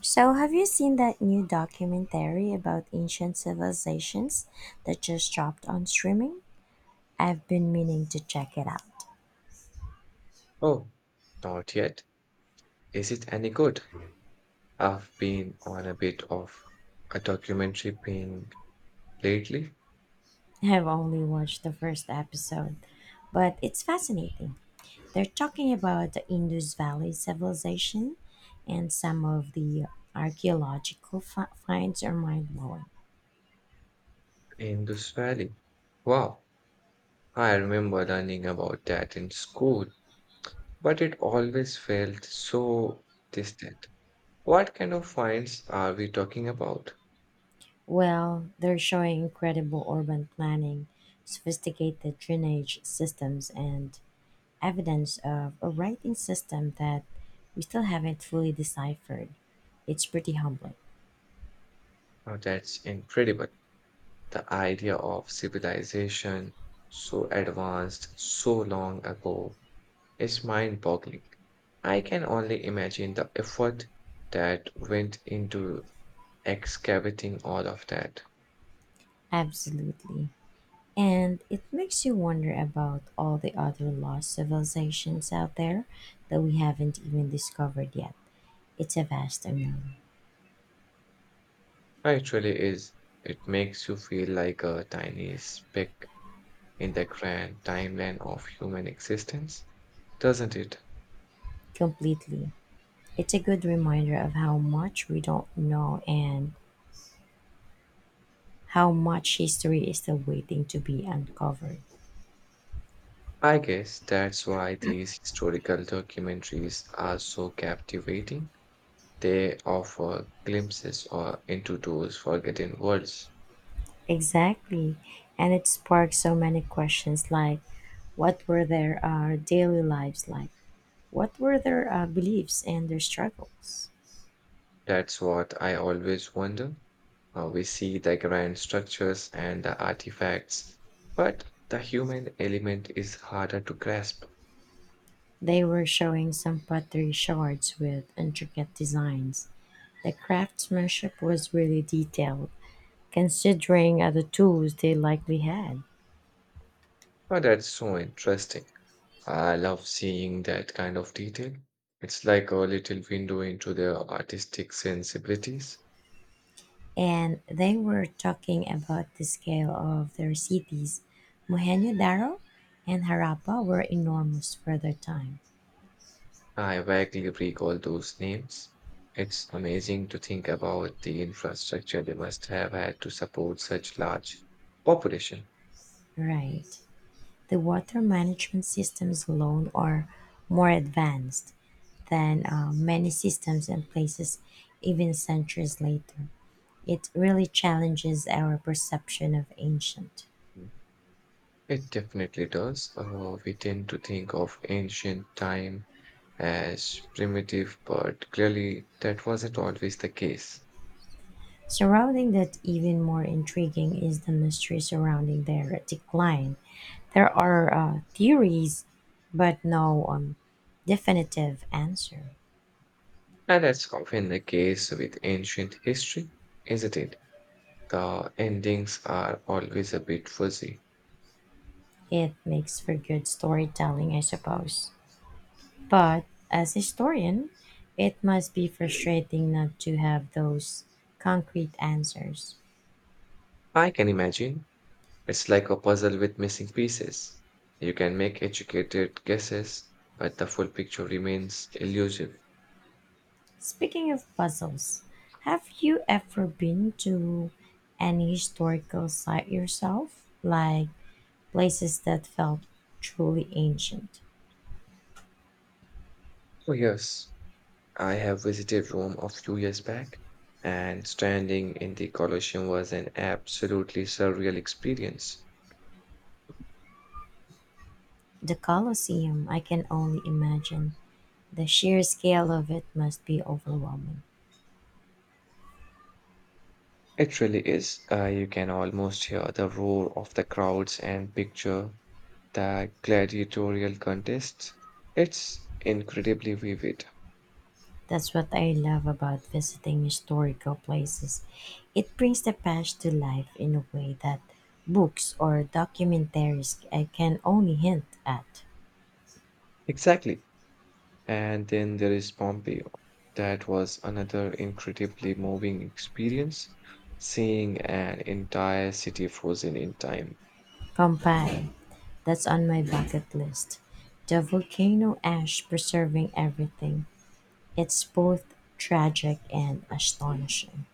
So, have you seen that new documentary about ancient civilizations that just dropped on streaming? I've been meaning to check it out. Oh, not yet. Is it any good? I've been on a bit of a documentary being lately I've only watched the first episode, but it's fascinating. They're talking about the Indus Valley civilization, and some of the finds are mind blowing. in this valley. Wow, I remember learning about that in school, but it always felt so distant. What kind of finds are we talking about? Well, they're showing incredible urban planning, sophisticated drainage systems, and evidence of a writing system that we still haven't fully deciphered. It's pretty humbling. Oh, that's incredible. The idea of civilization so advanced so long ago is mind boggling. I can only imagine the effort that went into excavating all of that. Absolutely. And it makes you wonder about all the other lost civilizations out there that we haven't even discovered yet. It's a vast unknown. It really is. It makes you feel like a tiny speck in the grand timeline of human existence, doesn't it? Completely. It's a good reminder of how much we don't know and how much history is still waiting to be uncovered. I guess that's why these historical documentaries are so captivating. They offer glimpses or into those forgotten worlds. Exactly. And it sparked so many questions like what were their daily lives like? What were their beliefs and their struggles? That's what I always wonder. We see the grand structures and the artifacts, but the human element is harder to grasp. They were showing some pottery shards with intricate designs. The craftsmanship was really detailed, considering the tools they likely had. Oh, that's so interesting. I love seeing that kind of detail. It's like a little window into their artistic sensibilities. And they were talking about the scale of their cities. Mohenjo-Daro and Harappa were enormous for their time. I vaguely recall those names. It's amazing to think about the infrastructure they must have had to support such large population. Right. The water management systems alone are more advanced than many systems in places even centuries later. It really challenges our perception of ancient. It definitely does. We tend to think of ancient time as primitive, but clearly that wasn't always the case. Surrounding that, even more intriguing is the mystery surrounding their decline. There are theories, but no definitive answer. And that's often the case with ancient history, isn't it? The endings are always a bit fuzzy. It makes for good storytelling, I suppose. But as a historian, it must be frustrating not to have those concrete answers. I can imagine. It's like a puzzle with missing pieces. You can make educated guesses, but the full picture remains elusive. Speaking of puzzles, have you ever been to any historical site yourself? Like places that felt truly ancient? Oh, yes. I have visited Rome a few years back, and standing in the Colosseum was an absolutely surreal experience. The Colosseum, I can only imagine. The sheer scale of it must be overwhelming. It really is. You can almost hear the roar of the crowds and picture the gladiatorial contests. It's incredibly vivid. That's what I love about visiting historical places. It brings the past to life in a way that books or documentaries I can only hint at. Exactly. And then there is Pompeii. That was another incredibly moving experience, seeing an entire city frozen in time. Pompeii, that's on my bucket list. The volcano ash preserving everything. It's both tragic and astonishing.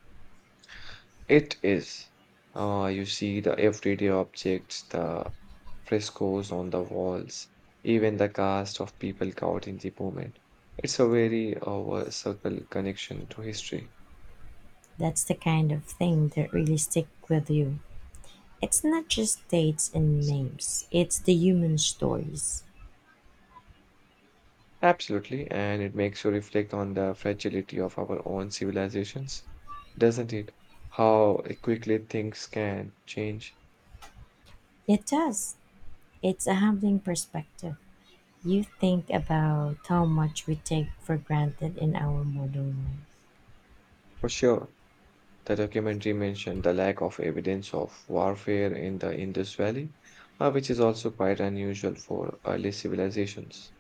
It is. You see the everyday objects, the frescoes on the walls, even the cast of people caught in the moment. It's a very circle connection to history. That's the kind of thing that really stick with you. It's not just dates and names, it's the human stories. Absolutely, and it makes you reflect on the fragility of our own civilizations, doesn't it? How quickly things can change. It does. It's a humbling perspective. You think about how much we take for granted in our modern life. For sure. The documentary mentioned the lack of evidence of warfare in the Indus Valley, which is also quite unusual for early civilizations.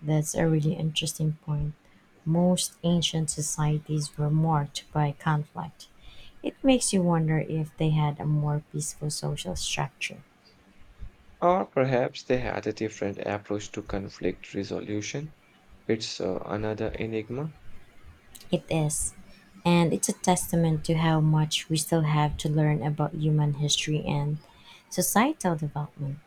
That's a really interesting point. Most ancient societies were marked by conflict. It makes you wonder if they had a more peaceful social structure. Or perhaps they had a different approach to conflict resolution. It's another enigma. It is. And it's a testament to how much we still have to learn about human history and societal development.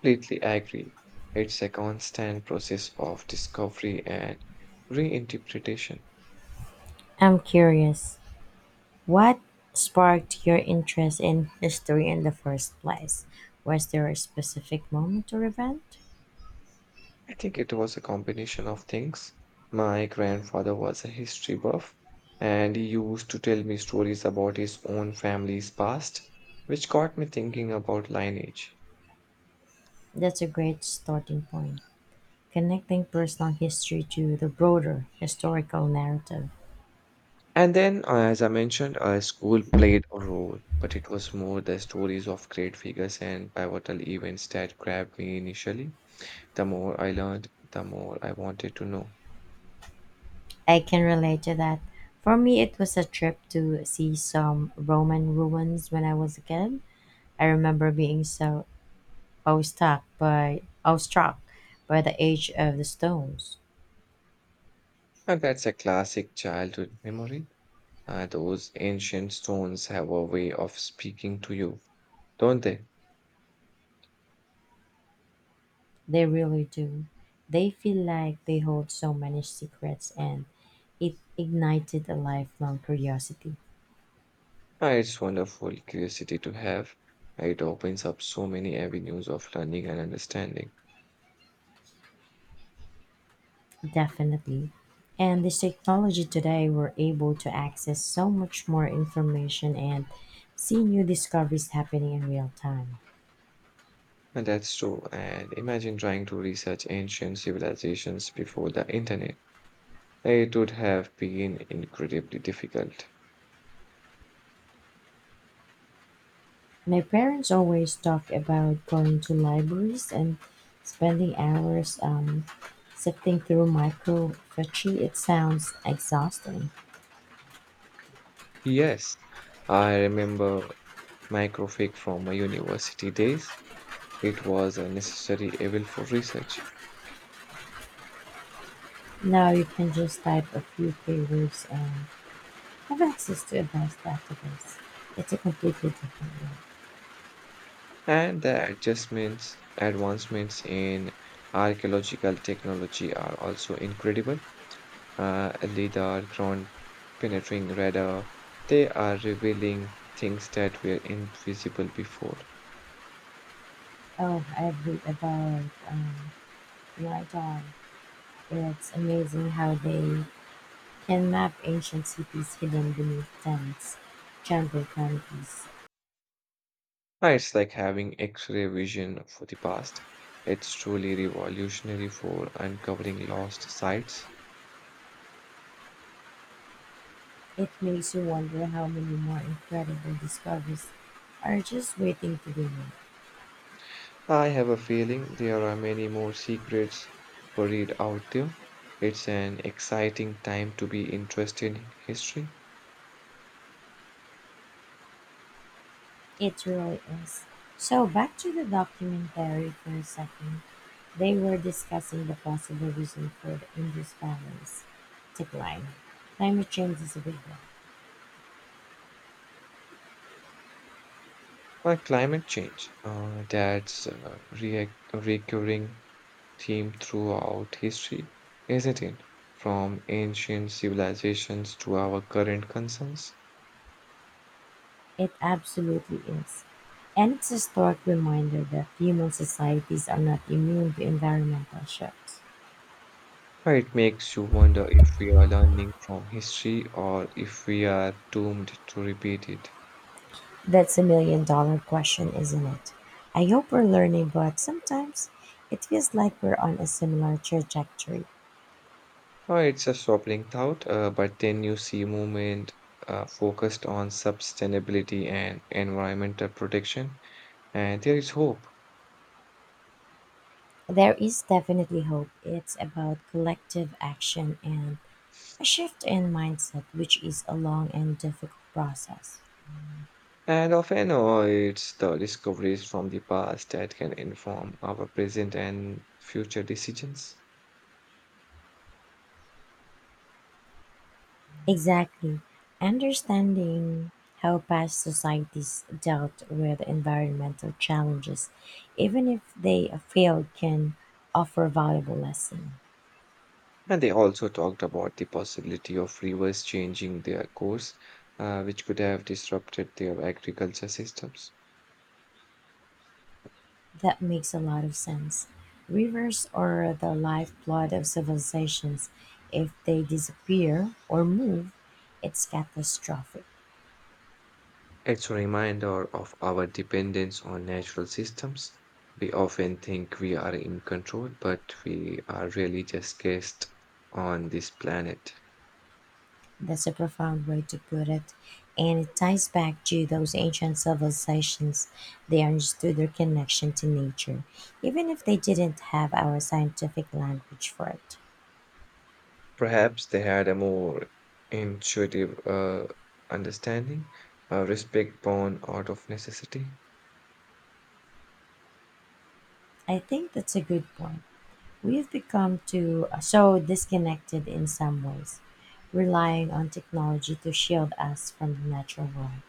Completely agree. It's a constant process of discovery and reinterpretation. I'm curious. What sparked your interest in history in the first place? Was there a specific moment or event? I think it was a combination of things. My grandfather was a history buff, and he used to tell me stories about his own family's past, which got me thinking about lineage. That's a great starting point. Connecting personal history to the broader historical narrative. And then, as I mentioned, school played a role, but it was more the stories of great figures and pivotal events that grabbed me initially. The more I learned, the more I wanted to know. I can relate to that. For me, it was a trip to see some Roman ruins when I was a kid. I remember being so awestruck by the age of the stones. And that's a classic childhood memory. Those ancient stones have a way of speaking to you, don't they? They really do. They feel like they hold so many secrets, and it ignited a lifelong curiosity. Ah, it's wonderful curiosity to have. It opens up so many avenues of learning and understanding. Definitely. And this technology today, we're able to access so much more information and see new discoveries happening in real time. And that's true. And imagine trying to research ancient civilizations before the internet. It would have been incredibly difficult. My parents always talk about going to libraries and spending hours sifting through microfiche. It sounds exhausting. Yes, I remember microfig from my university days. It was a necessary evil for research. Now you can just type a few keywords and have access to advanced database. It's a completely different world. And the adjustments, advancements in archaeological technology are also incredible. Lidar, ground penetrating radar, they are revealing things that were invisible before. Oh, I read about LiDAR. It's amazing how they can map ancient cities hidden beneath tents, jungle canopies. It's like having X-ray vision for the past. It's truly revolutionary for uncovering lost sites. It makes you wonder how many more incredible discoveries are just waiting to be made. I have a feeling there are many more secrets buried out there. It's an exciting time to be interested in history. It really is. So back to the documentary for a second. They were discussing the possible reason for the Indus Valley's decline. Climate change is a big one. Like climate change, that's a recurring theme throughout history, isn't it? From ancient civilizations to our current concerns. It absolutely is. And it's a stark reminder that human societies are not immune to environmental shifts. It makes you wonder if we are learning from history or if we are doomed to repeat it. That's a million dollar question, isn't it? I hope we're learning, but sometimes it feels like we're on a similar trajectory. Oh, it's a sobering thought, but then you see movement focused on sustainability and environmental protection, and there is hope. There is definitely hope. It's about collective action and a shift in mindset, which is a long and difficult process. And often, oh, it's the discoveries from the past that can inform our present and future decisions. Exactly. Understanding how past societies dealt with environmental challenges, even if they failed, can offer valuable lesson. And they also talked about the possibility of rivers changing their course, which could have disrupted their agriculture systems. That makes a lot of sense. Rivers are the lifeblood of civilizations. If they disappear or move, it's catastrophic. It's a reminder of our dependence on natural systems. We often think we are in control, but we are really just guests on this planet. That's a profound way to put it. And it ties back to those ancient civilizations. They understood their connection to nature, even if they didn't have our scientific language for it. Perhaps they had a more intuitive understanding, a respect born out of necessity. I think that's a good point. We have become too so disconnected in some ways, relying on technology to shield us from the natural world.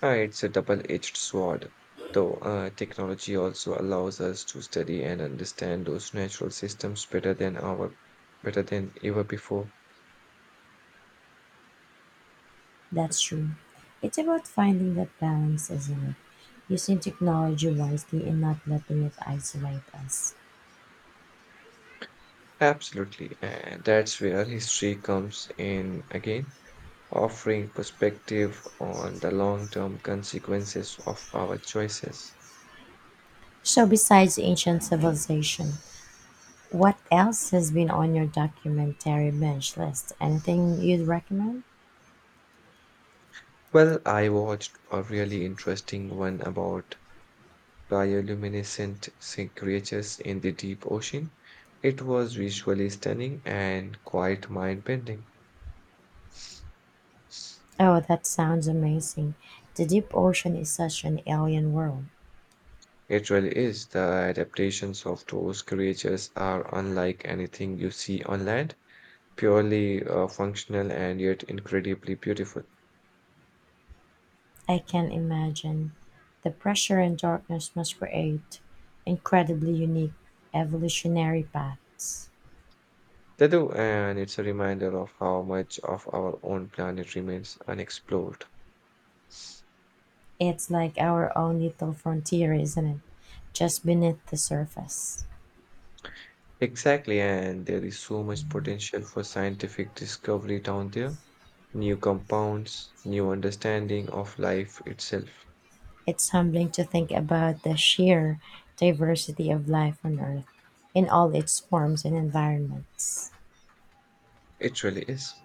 It's a double edged sword, though technology also allows us to study and understand those natural systems better than ever before. That's true. It's about finding that balance, isn't it? Using technology wisely and not letting it isolate us. Absolutely. And that's where history comes in again, offering perspective on the long-term consequences of our choices. So, besides ancient civilization, what else has been on your documentary bench list? Anything you'd recommend? Well, I watched a really interesting one about bioluminescent sea creatures in the deep ocean. It was visually stunning and quite mind-bending. Oh, that sounds amazing. The deep ocean is such an alien world. It really is. The adaptations of those creatures are unlike anything you see on land purely functional and yet incredibly beautiful. I can imagine. The pressure and darkness must create incredibly unique evolutionary paths. They do, and it's a reminder of how much of our own planet remains unexplored. It's like our own little frontier, isn't it? Just beneath the surface. Exactly, and there is so much potential for scientific discovery down there. New compounds, new understanding of life itself. It's humbling to think about the sheer diversity of life on Earth in all its forms and environments. It really is.